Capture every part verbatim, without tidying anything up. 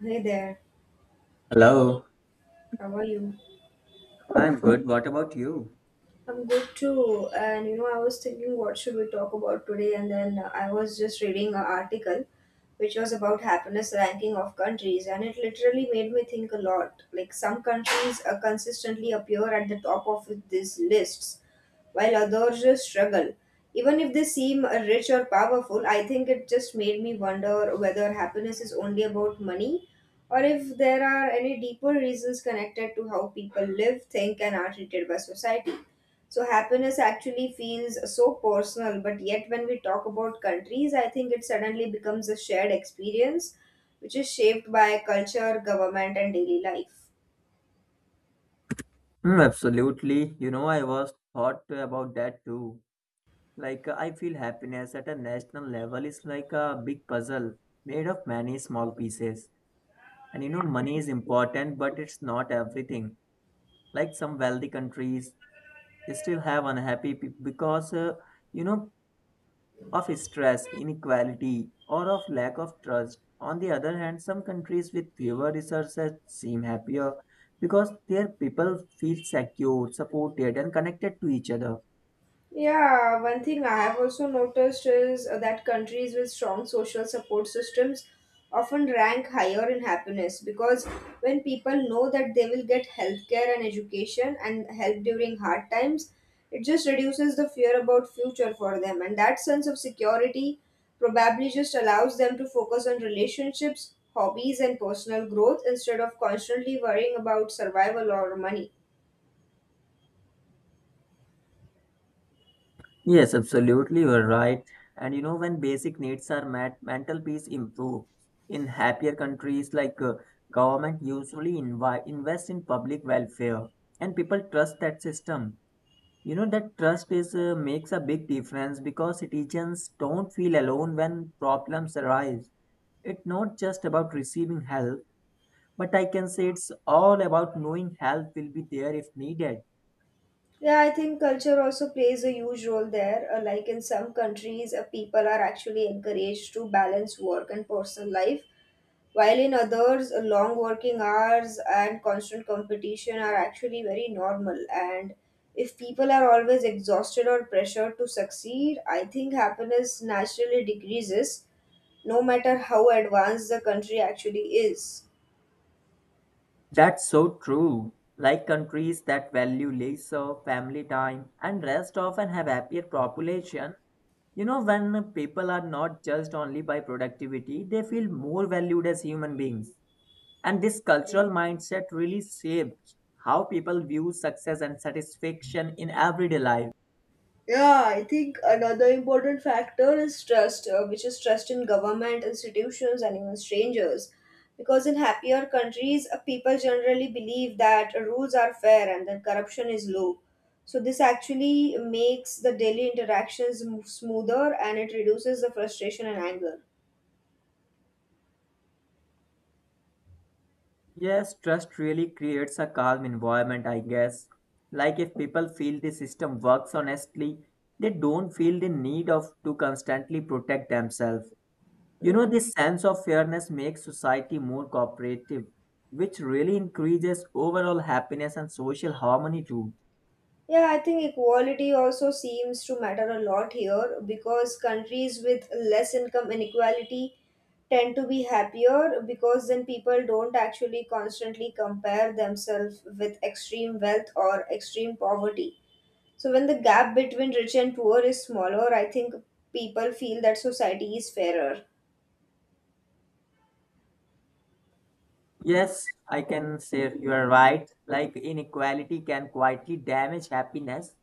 Hey there, Hello, how are you? I'm good. What about you? I'm good too. And you know, I was thinking, what should we talk about today? And then uh, I was just reading an article which was about happiness ranking of countries, and it literally made me think a lot. Like, some countries uh, consistently appear at the top of these lists, while others just struggle. Even if they seem uh, rich or powerful, I think it just made me wonder whether happiness is only about money or if there are any deeper reasons connected to how people live, think, and are treated by society. So happiness actually feels so personal, but yet when we talk about countries, I think it suddenly becomes a shared experience which is shaped by culture, government, and daily life. Mm, absolutely. You know, I was thought about that too. Like, uh, I feel happiness at a national level is like a big puzzle made of many small pieces. And you know, money is important, but it's not everything. Like some wealthy countries, they still have unhappy people because, uh, you know, of stress, inequality, or of lack of trust. On the other hand, some countries with fewer resources seem happier because their people feel secure, supported, and connected to each other. Yeah, one thing I have also noticed is uh, that countries with strong social support systems often rank higher in happiness because when people know that they will get healthcare and education and help during hard times, it just reduces the fear about future for them. And that sense of security probably just allows them to focus on relationships, hobbies, and personal growth instead of constantly worrying about survival or money. Yes, absolutely, you're right. And you know, when basic needs are met, mental peace improves. In happier countries, like uh, government usually invi- invest in public welfare, and people trust that system. You know that trust is uh, makes a big difference because citizens don't feel alone when problems arise. It's not just about receiving help, but I can say it's all about knowing help will be there if needed. Yeah, I think culture also plays a huge role there. Uh, like in some countries, uh, people are actually encouraged to balance work and personal life, while in others, uh, long working hours and constant competition are actually very normal. And if people are always exhausted or pressured to succeed, I think happiness naturally decreases, no matter how advanced the country actually is. That's so true. Like countries that value leisure, family time, and rest often have happier population. You know, when people are not judged only by productivity, they feel more valued as human beings. And this cultural mindset really shapes how people view success and satisfaction in everyday life. Yeah, I think another important factor is trust, uh, which is trust in government, institutions, and even strangers. Because in happier countries, uh, people generally believe that rules are fair and that corruption is low. So, this actually makes the daily interactions mo- smoother and it reduces the frustration and anger. Yes, trust really creates a calm environment, I guess. Like if people feel the system works honestly, they don't feel the need of to constantly protect themselves. You know, Hmm. this sense of fairness makes society more cooperative, which really increases overall happiness and social harmony too. Yeah, I think equality also seems to matter a lot here because countries with less income inequality tend to be happier because then people don't actually constantly compare themselves with extreme wealth or extreme poverty. So when the gap between rich and poor is smaller, I think people feel that society is fairer. Yes, I can say you are right. Like inequality can quietly damage happiness.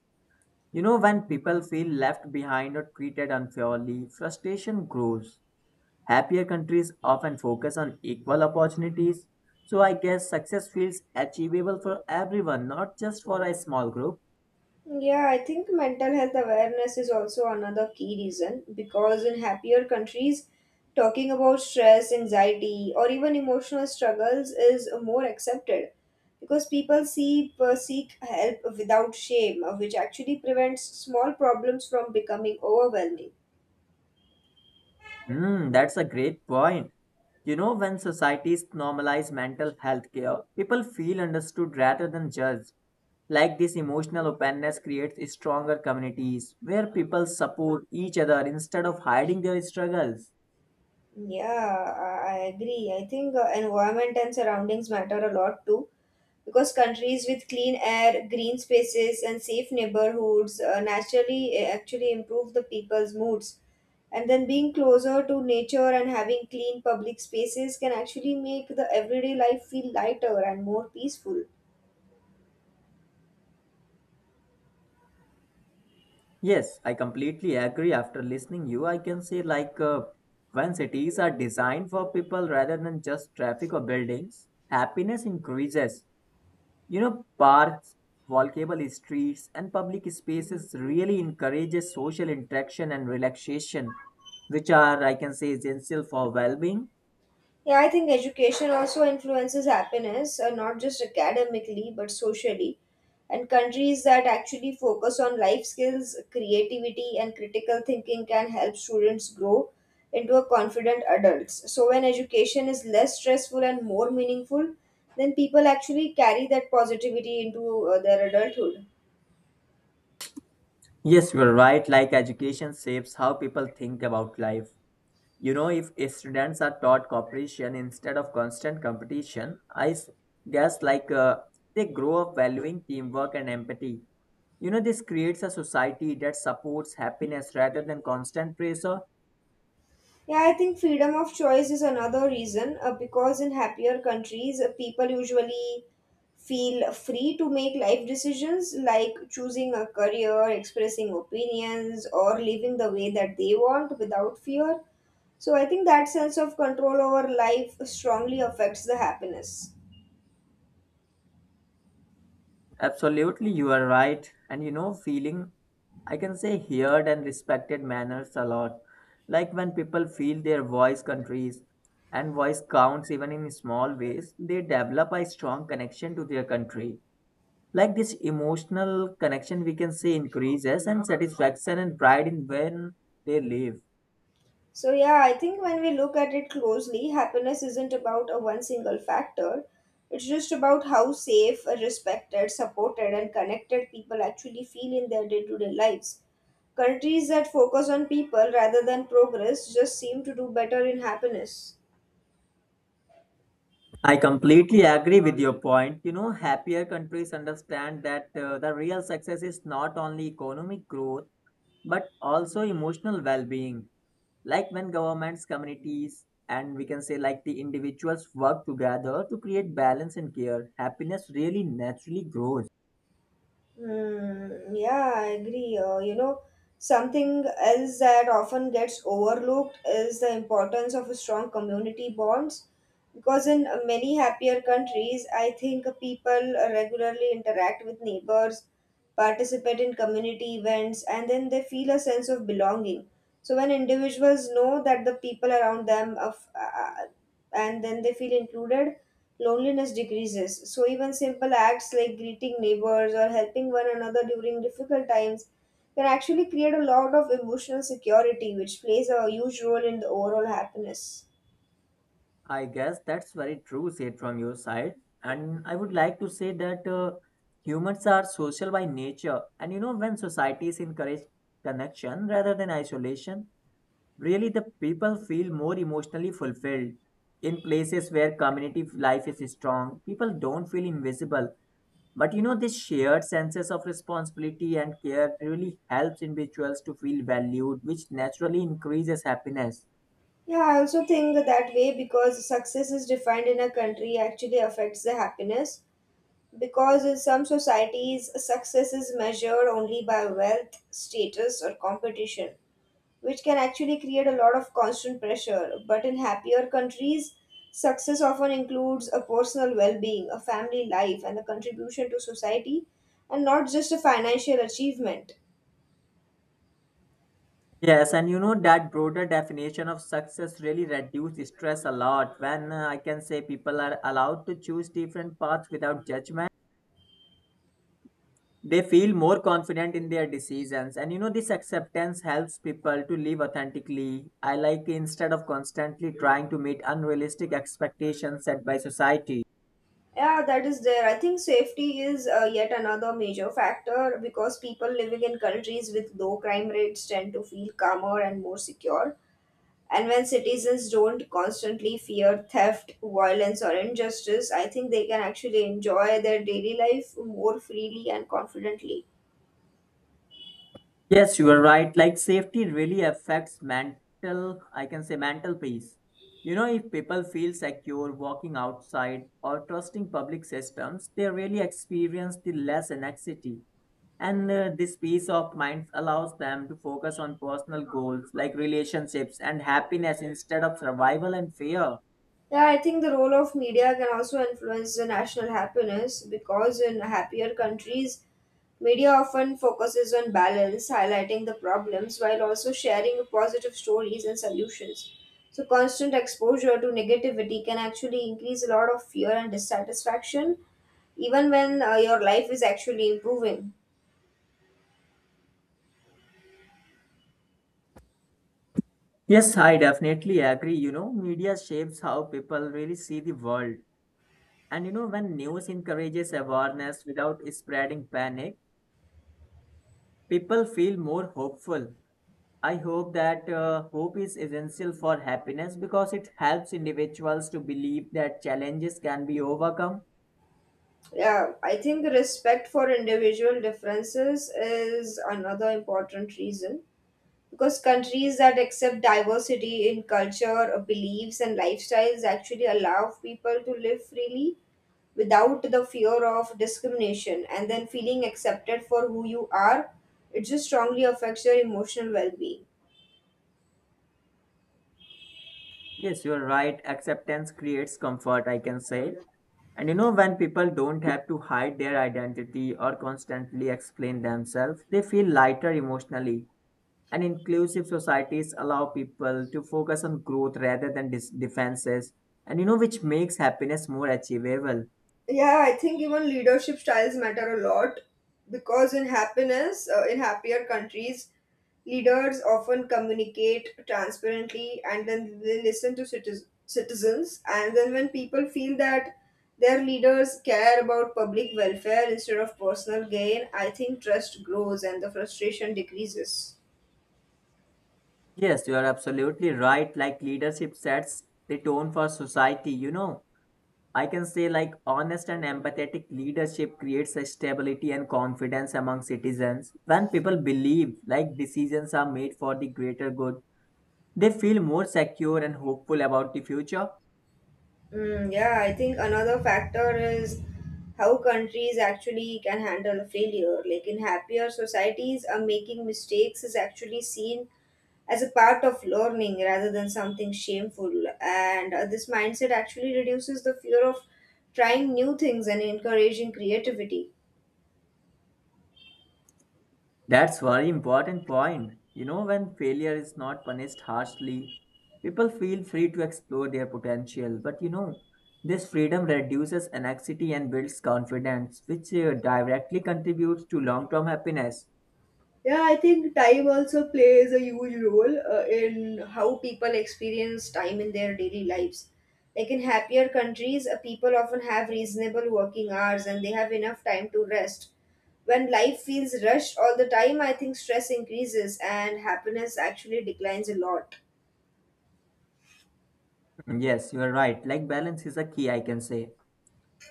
You know, when people feel left behind or treated unfairly, frustration grows. Happier countries often focus on equal opportunities. So I guess success feels achievable for everyone, not just for a small group. Yeah, I think mental health awareness is also another key reason because in happier countries, talking about stress, anxiety, or even emotional struggles is more accepted because people see, uh, seek help without shame, uh, which actually prevents small problems from becoming overwhelming. Hmm, that's a great point. You know, when societies normalize mental health care, people feel understood rather than judged. Like this emotional openness creates stronger communities where people support each other instead of hiding their struggles. Yeah, I I agree. I think uh, environment and surroundings matter a lot too because countries with clean air, green spaces, and safe neighborhoods uh, naturally uh, actually improve the people's moods. And then being closer to nature and having clean public spaces can actually make the everyday life feel lighter and more peaceful. Yes, I completely agree after listening you I can say like uh, when cities are designed for people rather than just traffic or buildings, happiness increases. You know, parks, walkable streets and public spaces really encourages social interaction and relaxation which are I can say essential for well-being. Yeah, I think education also influences happiness, uh, not just academically, but socially. And countries that actually focus on life skills, creativity, and critical thinking can help students grow into a confident adults. So when education is less stressful and more meaningful, then people actually carry that positivity into uh, their adulthood. Yes, you are right. Like education shapes how people think about life. You know, if students are taught cooperation instead of constant competition, I s- guess like uh, they grow up valuing teamwork and empathy. You know, this creates a society that supports happiness rather than constant pressure. Yeah, I think freedom of choice is another reason uh, because in happier countries, uh, people usually feel free to make life decisions like choosing a career, expressing opinions, or living the way that they want without fear. So I think that sense of control over life strongly affects the happiness. Absolutely, you are right. And you know, feeling, I can say, heard and respected manners a lot. Like when people feel their voice countries and voice counts even in small ways, they develop a strong connection to their country. Like this emotional connection, we can say, increases and satisfaction and pride in when they live. So, yeah, I think when we look at it closely, happiness isn't about a one single factor. It's just about how safe, respected, supported, and connected people actually feel in their day to day lives. Countries that focus on people rather than progress just seem to do better in happiness. I completely agree with your point. You know, happier countries understand that uh, the real success is not only economic growth but also emotional well-being like when governments communities and we can say like the individuals work together to create balance and care happiness really naturally grows. Hmm, yeah, I agree. Uh, you know, something else that often gets overlooked is the importance of strong community bonds because in many happier countries, I think people regularly interact with neighbors, participate in community events, and then they feel a sense of belonging. So when individuals know that the people around them of, uh, uh, and then they feel included, loneliness decreases. So even simple acts like greeting neighbors or helping one another during difficult times can actually create a lot of emotional security, which plays a huge role in the overall happiness. I guess that's very true said from your side, and I would like to say that uh, humans are social by nature. And you know when societies encourage connection rather than isolation really the people feel more emotionally fulfilled in places where community life is strong people don't feel invisible. But you know, this shared senses of responsibility and care really helps individuals to feel valued, which naturally increases happiness. Yeah, I also think that way because success is defined in a country actually affects the happiness. Because in some societies, success is measured only by wealth, status, or competition, which can actually create a lot of constant pressure. But in happier countries, success often includes a personal well being, a family life, and the contribution to society, and not just a financial achievement. Yes, and you know that broader definition of success really reduces stress a lot when uh, I can say people are allowed to choose different paths without judgment. They feel more confident in their decisions, and you know, this acceptance helps people to live authentically. I like instead of constantly trying to meet unrealistic expectations set by society. Yeah, that is there. I think safety is uh, yet another major factor because people living in countries with low crime rates tend to feel calmer and more secure. And when citizens don't constantly fear theft, violence, or injustice, I think they can actually enjoy their daily life more freely and confidently. Yes, you are right. Like safety really affects mental, I can say mental peace. You know, if people feel secure walking outside or trusting public systems, they really experience the less anxiety. And uh, this peace of mind allows them to focus on personal goals like relationships and happiness instead of survival and fear. Yeah, I think the role of media can also influence the national happiness because in happier countries, media often focuses on balance, highlighting the problems while also sharing positive stories and solutions. So, constant exposure to negativity can actually increase a lot of fear and dissatisfaction, even when uh, your life is actually improving. Yes, I definitely agree. You know, media shapes how people really see the world. And you know, when news encourages awareness without spreading panic, people feel more hopeful. I hope that uh, hope is essential for happiness because it helps individuals to believe that challenges can be overcome. Yeah, I think respect for individual differences is another important reason because countries that accept diversity in culture, uh, beliefs, and lifestyles actually allow people to live freely without the fear of discrimination and then feeling accepted for who you are. It just strongly affects your emotional well being. Yes, you're right. Acceptance creates comfort, I can say. And you know, when people don't have to hide their identity or constantly explain themselves, they feel lighter emotionally. And inclusive societies allow people to focus on growth rather than dis- defenses, and you know, which makes happiness more achievable. Yeah, I think even leadership styles matter a lot because in happiness, uh, in happier countries leaders often communicate transparently and then they listen to citizens citizens. And then when people feel that their leaders care about public welfare instead of personal gain, I think trust grows and the frustration decreases. Yes, you are absolutely right. Like leadership sets the tone for society, you know. I can say like honest and empathetic leadership creates a stability and confidence among citizens. When people believe like decisions are made for the greater good, they feel more secure and hopeful about the future. Mm, yeah, I think another factor is how countries actually can handle failure. Like in happier societies, uh, making mistakes is actually seen as a part of learning rather than something shameful. And uh, this mindset actually reduces the fear of trying new things and encouraging creativity. That's very important point. You know, when failure is not punished harshly, people feel free to explore their potential. But you know, this freedom reduces anxiety and builds confidence, which uh, directly contributes to long term happiness. Yeah, I think time also plays a huge role uh, in how people experience time in their daily lives. Like in happier countries, uh, people often have reasonable working hours and they have enough time to rest. When life feels rushed all the time, I think stress increases and happiness actually declines a lot. Yes, you are right. Like balance is a key, I can say.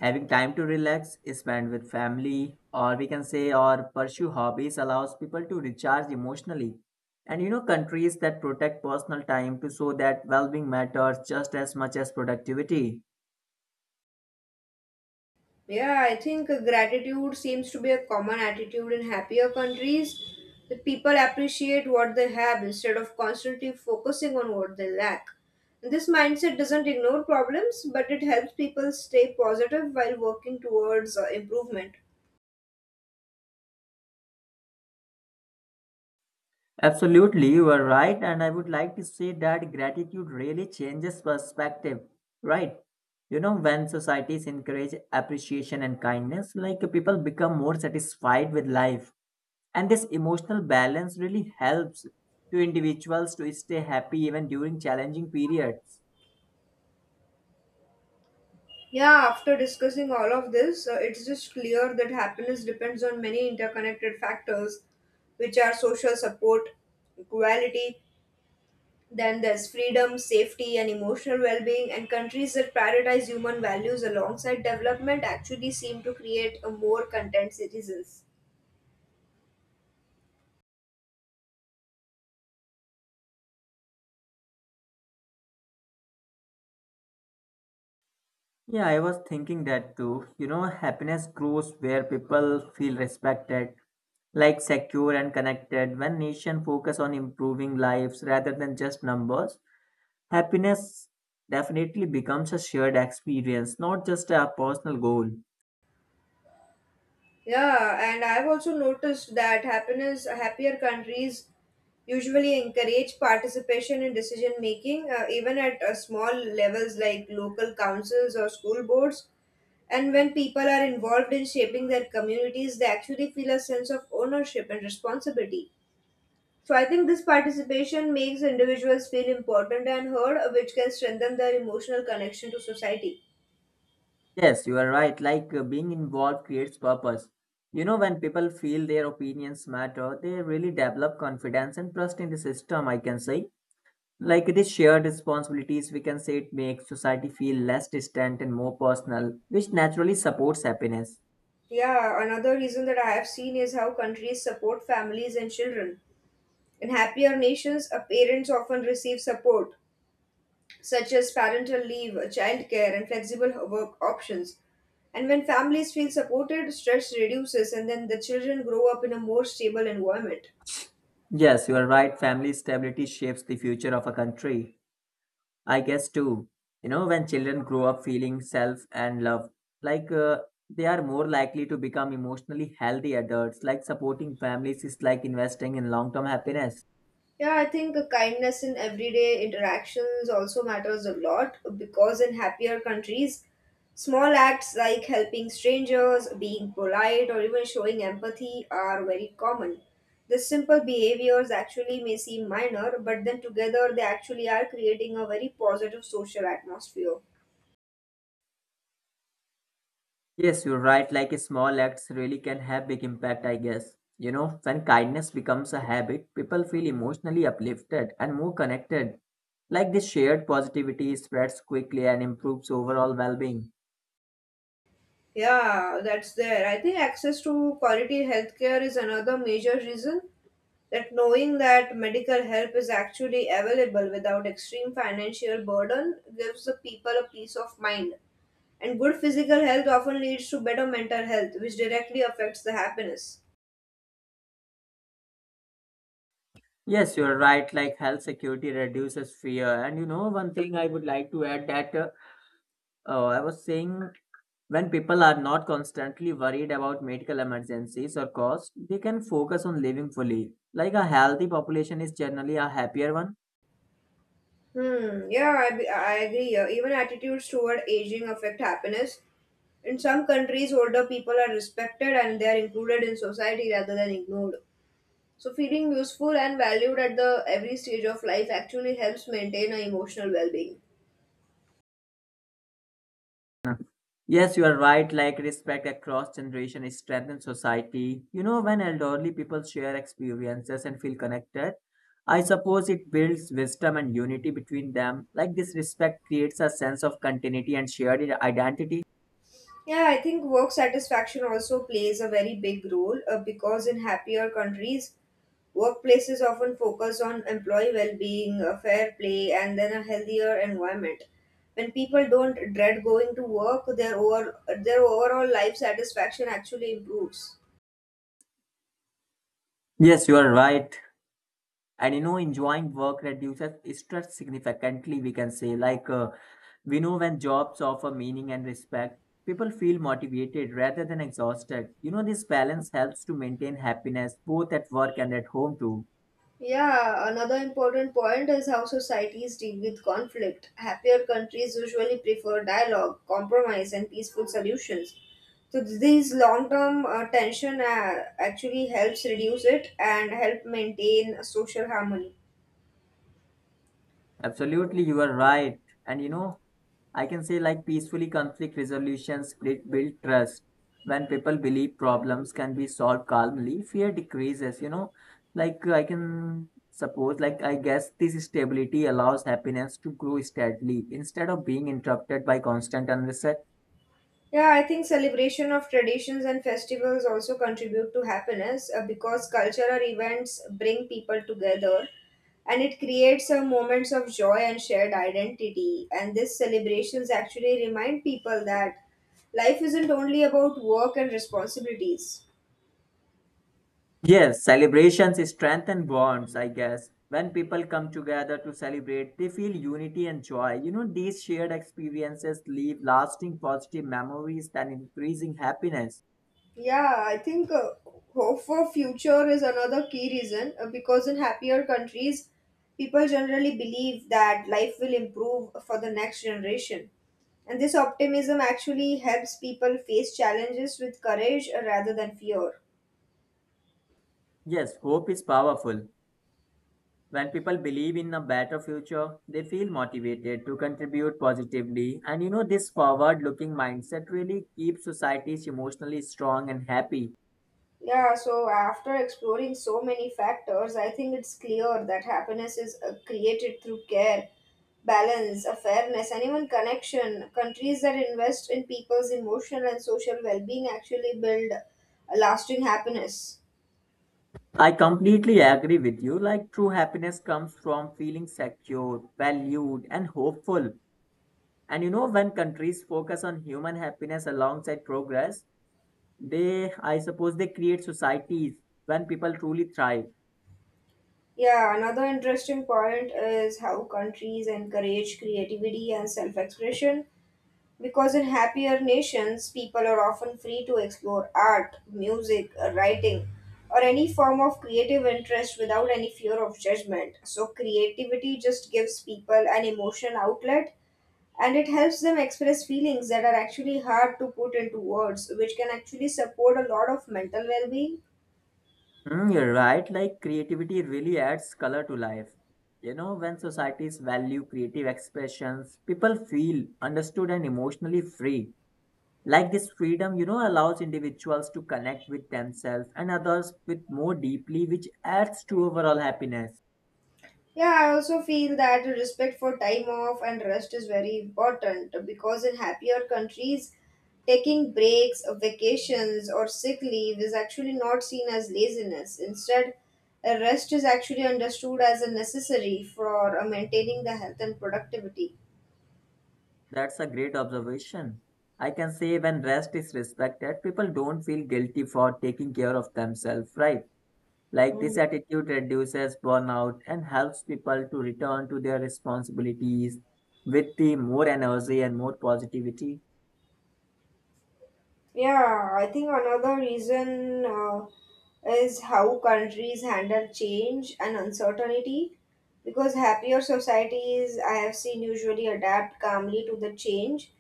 Having time to relax, spend with family, or we can say, or pursue hobbies allows people to recharge emotionally. And you know, countries that protect personal time to show that well being matters just as much as productivity. Yeah, I think uh, gratitude seems to be a common attitude in happier countries. The people appreciate what they have instead of constantly focusing on what they lack. This mindset doesn't ignore problems, but it helps people stay positive while working towards uh, improvement. Absolutely, you are right. And I would like to say that gratitude really changes perspective, right? You know, when societies encourage appreciation and kindness, like people become more satisfied with life. And this emotional balance really helps to individuals to stay happy even during challenging periods. Yeah, after discussing all of this, uh, it's just clear that happiness depends on many interconnected factors, which are social support, equality, then there's freedom, safety, and emotional well being, and countries that prioritize human values alongside development actually seem to create a more content citizens. Yeah, I was thinking that too. You know, happiness grows where people feel respected, like secure and connected. When nation focus on improving lives rather than just numbers, happiness definitely becomes a shared experience, not just a personal goal. Yeah, and I've also noticed that happiness, happier countries usually encourage participation in decision making, uh, even at uh, small levels like local councils or school boards. And when people are involved in shaping their communities, they actually feel a sense of ownership and responsibility. So I think this participation makes individuals feel important and heard, uh, which can strengthen their emotional connection to society. Yes, you are right. Like uh, being involved creates purpose. You know, when people feel their opinions matter, they really develop confidence and trust in the system, I can say. Like it is shared responsibilities, we can say it makes society feel less distant and more personal, which naturally supports happiness. Yeah, another reason that I have seen is how countries support families and children. In happier nations, uh, parents often receive support, such as parental leave, uh, childcare, and flexible work options. And when families feel supported, stress reduces, and then the children grow up in a more stable environment. Yes, you are right. Family stability shapes the future of a country. I guess too. You know, when children grow up feeling self and love, like uh, they are more likely to become emotionally healthy adults, like supporting families is like investing in long term happiness. Yeah, I think uh, kindness in everyday interactions also matters a lot because in happier countries, small acts like helping strangers, being polite, or even showing empathy are very common. The simple behaviors actually may seem minor, but then together they actually are creating a very positive social atmosphere. Yes, you're right, like small acts really can have big impact, I guess. You know, when kindness becomes a habit, people feel emotionally uplifted and more connected. Like this shared positivity spreads quickly and improves overall well being. Yeah, that's there. I think access to quality healthcare is another major reason. That knowing that medical help is actually available without extreme financial burden gives the people a peace of mind. And good physical health often leads to better mental health, which directly affects the happiness. Yes, you're right. Like health security reduces fear. And you know, one thing I would like to add that uh, uh, I was saying when people are not constantly worried about medical emergencies or costs, they can focus on living fully. Like a healthy population is generally a happier one. Hmm, yeah, I, be- I agree. Yeah, even attitudes toward aging affect happiness. In some countries, older people are respected and they are included in society rather than ignored. So feeling useful and valued at the every stage of life actually helps maintain a emotional well-being. Yes, you are right. Like respect across generation strengthens society. You know, when elderly people share experiences and feel connected, I suppose it builds wisdom and unity between them. Like this respect creates a sense of continuity and shared identity. Yeah, I think work satisfaction also plays a very big role uh, because in happier countries, workplaces often focus on employee well-being, uh, fair play, and then a healthier environment. When people don't dread going to work, their over, their overall life satisfaction actually improves. Yes, you are right. And you know enjoying work reduces stress significantly we can say like uh, we know when jobs offer meaning and respect people feel motivated rather than exhausted. You know this balance helps to maintain happiness both at work and at home too. Yeah, another important point is how societies deal with conflict. Happier countries usually prefer dialogue, compromise, and peaceful solutions. So this long-term uh, tension uh, actually helps reduce it and help maintain social harmony. Absolutely you are right. And you know I can say like peacefully conflict resolutions build build trust. When people believe problems can be solved calmly, fear decreases, you know. Like I can suppose, like I guess this stability allows happiness to grow steadily instead of being interrupted by constant unrest. Yeah, I think celebration of traditions and festivals also contribute to happiness uh, because cultural events bring people together and it creates a moments of joy and shared identity. And these celebrations actually remind people that life isn't only about work and responsibilities. Yes, celebrations strengthen bonds, I guess. When people come together to celebrate, they feel unity and joy. You know, these shared experiences leave lasting positive memories and increasing happiness. Yeah, I think uh, hope for future is another key reason uh, because in happier countries, people generally believe that life will improve for the next generation. And this optimism actually helps people face challenges with courage rather than fear. Yes, hope is powerful. When people believe in a better future, they feel motivated to contribute positively. And you know, this forward looking mindset really keeps societies emotionally strong and happy. Yeah, so after exploring so many factors, I think it's clear that happiness is uh, created through care, balance, a fairness, and even connection. Countries that invest in people's emotional and social well being actually build a lasting happiness. I completely agree with you. Like, true happiness comes from feeling secure, valued, and hopeful. And you know, when countries focus on human happiness alongside progress, they, I suppose, they create societies when people truly thrive. Yeah, another interesting point is how countries encourage creativity and self expression. Because in happier nations, people are often free to explore art, music, writing, or any form of creative interest without any fear of judgment. So, creativity just gives people an emotion outlet and it helps them express feelings that are actually hard to put into words, which can actually support a lot of mental well being. Mm, you're right. Like creativity really adds color to life. You know, when societies value creative expressions, people feel understood and emotionally free. Like this freedom, you know, allows individuals to connect with themselves and others with more deeply, which adds to overall happiness. Yeah, I also feel that respect for time off and rest is very important because in happier countries, taking breaks, uh, vacations, or sick leave is actually not seen as laziness. Instead, a rest is actually understood as a necessary for uh, maintaining the health and productivity. That's a great observation. I can say when rest is respected, people don't feel guilty for taking care of themselves, right? Like this Mhm. attitude reduces burnout and helps people to return to their responsibilities with the more energy and more positivity. Yeah, I think another reason uh, is how countries handle change and uncertainty. Because happier societies, I have seen, usually adapt calmly to the change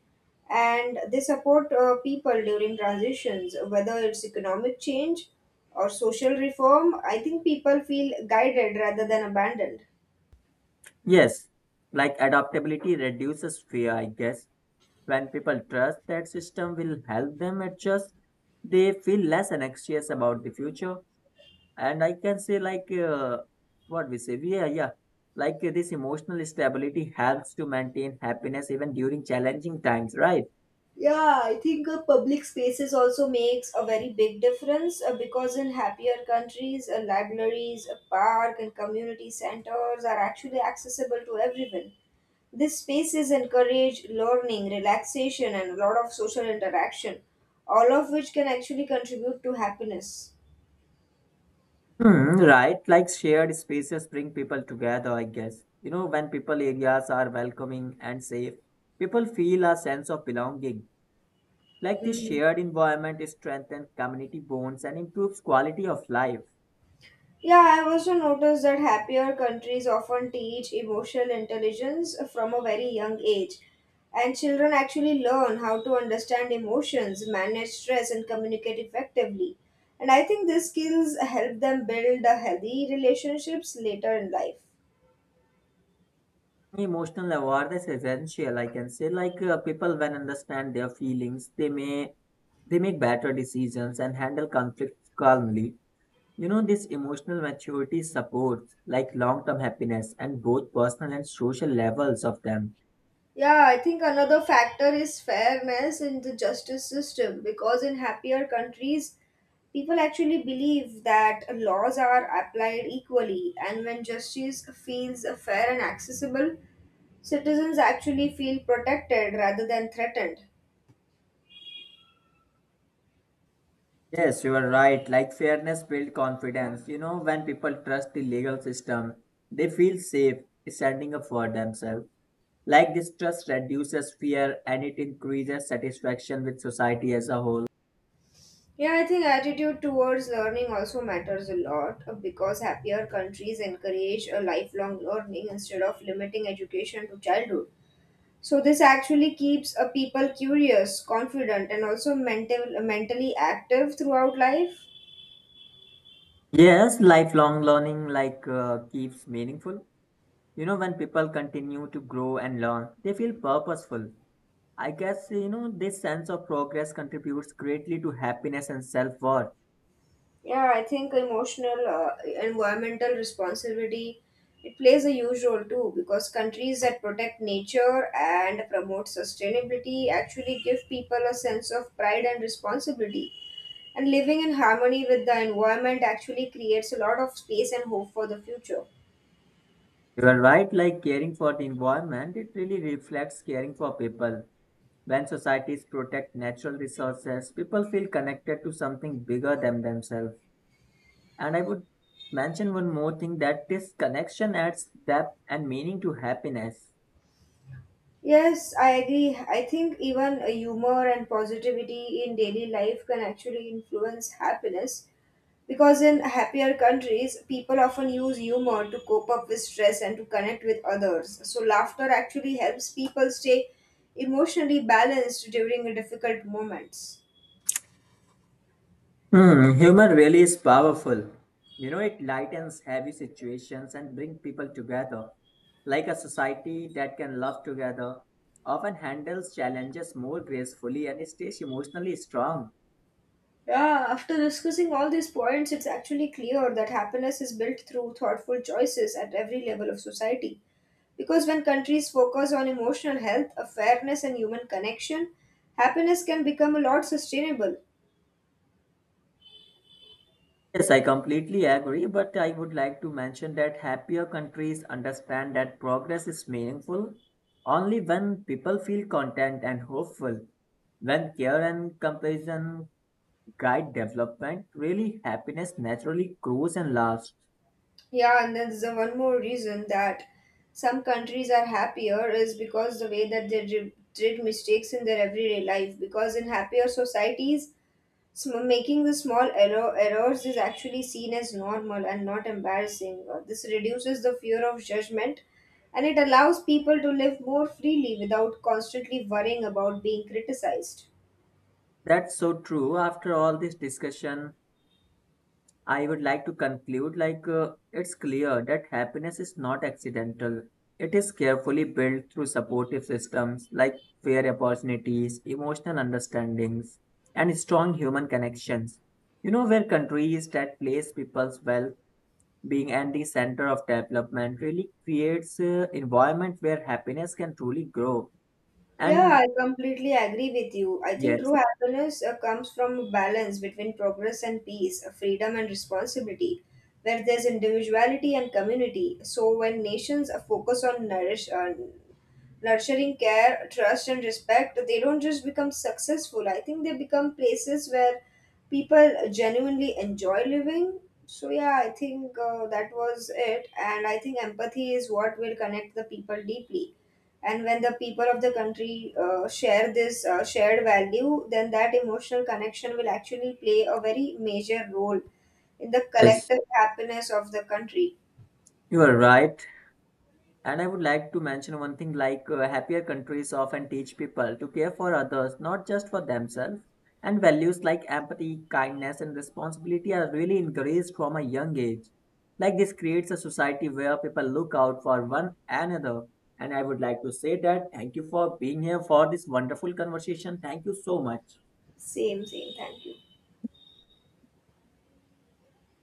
and they support uh, people during transitions, whether it's economic change or social reform. I think people feel guided rather than abandoned. Yes, like adaptability reduces fear, I guess. When people trust that system will help them adjust, they feel less anxious about the future. And I can say like uh, what we say, yeah, yeah. Like uh, this emotional stability helps to maintain happiness even during challenging times, right? Yeah, I think uh, public spaces also makes a very big difference uh, because in happier countries, uh, libraries, a park, and community centers are actually accessible to everyone. These spaces encourage learning, relaxation, and a lot of social interaction, all of which can actually contribute to happiness. Hmm, right, like shared spaces bring people together, I guess. You know, when people areas are welcoming and safe, people feel a sense of belonging. Like this Mhm. shared environment strengthens community bonds and improves quality of life. Yeah, I've also noticed that happier countries often teach emotional intelligence from a very young age, and children actually learn how to understand emotions, manage stress, and communicate effectively. And I think these skills help them build a healthy relationships later in life. Emotional awareness is essential, I can say. Like uh, people, when understand their feelings, they may they make better decisions and handle conflicts calmly. You know, this emotional maturity supports like long-term happiness and both personal and social levels of them. Yeah, I think another factor is fairness in the justice system because in happier countries, people actually believe that laws are applied equally, and when justice feels fair and accessible, citizens actually feel protected rather than threatened. Yes, you are right. Like fairness builds confidence. You know, when people trust the legal system, they feel safe standing up for themselves. Like this trust reduces fear and it increases satisfaction with society as a whole. Yeah, I think attitude towards learning also matters a lot uh, because happier countries encourage a lifelong learning instead of limiting education to childhood. So this actually keeps a people curious, confident, and also mental, mentally active throughout life. Yes, lifelong learning like uh, keeps meaningful. You know, when people continue to grow and learn, they feel purposeful. I guess you know this sense of progress contributes greatly to happiness and self-worth. Yeah, I think emotional, uh, environmental responsibility it plays a huge role too because countries that protect nature and promote sustainability actually give people a sense of pride and responsibility. And living in harmony with the environment actually creates a lot of space and hope for the future. You are right, like caring for the environment, it really reflects caring for people. When societies protect natural resources, people feel connected to something bigger than themselves. And I would mention one more thing that this connection adds depth and meaning to happiness. Yes, I agree. I think even a humor and positivity in daily life can actually influence happiness because in happier countries, people often use humor to cope up with stress and to connect with others. So, laughter actually helps people stay emotionally balanced during difficult moments. Hmm, humor really is powerful. You know, it lightens heavy situations and brings people together. Like a society that can love together, often handles challenges more gracefully and stays emotionally strong. Yeah, after discussing all these points, it's actually clear that happiness is built through thoughtful choices at every level of society. Because when countries focus on emotional health, awareness, and human connection, happiness can become a lot sustainable. Yes, I completely agree, but I would like to mention that happier countries understand that progress is meaningful only when people feel content and hopeful. When care and compassion guide development, really happiness naturally grows and lasts. Yeah, and then there's a one more reason that some countries are happier is because the way that they dri- treat mistakes in their everyday life. Because in happier societies, sm- making the small error- errors is actually seen as normal and not embarrassing. Uh, This reduces the fear of judgment and it allows people to live more freely without constantly worrying about being criticized. That's so true. After all this discussion, I would like to conclude like uh, it's clear that happiness is not accidental. It is carefully built through supportive systems like fair opportunities, emotional understandings, and strong human connections. You know, where countries that place people's well being at the center of development really creates an environment where happiness can truly grow. Yeah, And I completely agree with you. I think true yes, happiness uh, comes from a balance between progress and peace, uh, freedom and responsibility, where there's individuality and community. So when nations uh, focus on nourish, uh, nurturing care, trust and respect, they don't just become successful. I think they become places where people genuinely enjoy living. So yeah, I think uh, that was it, and I think empathy is what will connect the people deeply and when the people of the country uh, share this uh, shared value then that emotional connection will actually play a very major role in the yes, collective happiness of the country. you are right. And I would like to mention one thing like uh, happier countries often teach people to care for others, not just for themselves. And values like empathy, kindness, and responsibility are really encouraged from a young age. Like this creates a society where people look out for one another. And I would like to say that thank you for being here for this wonderful conversation. Thank you so much. Same same, thank you.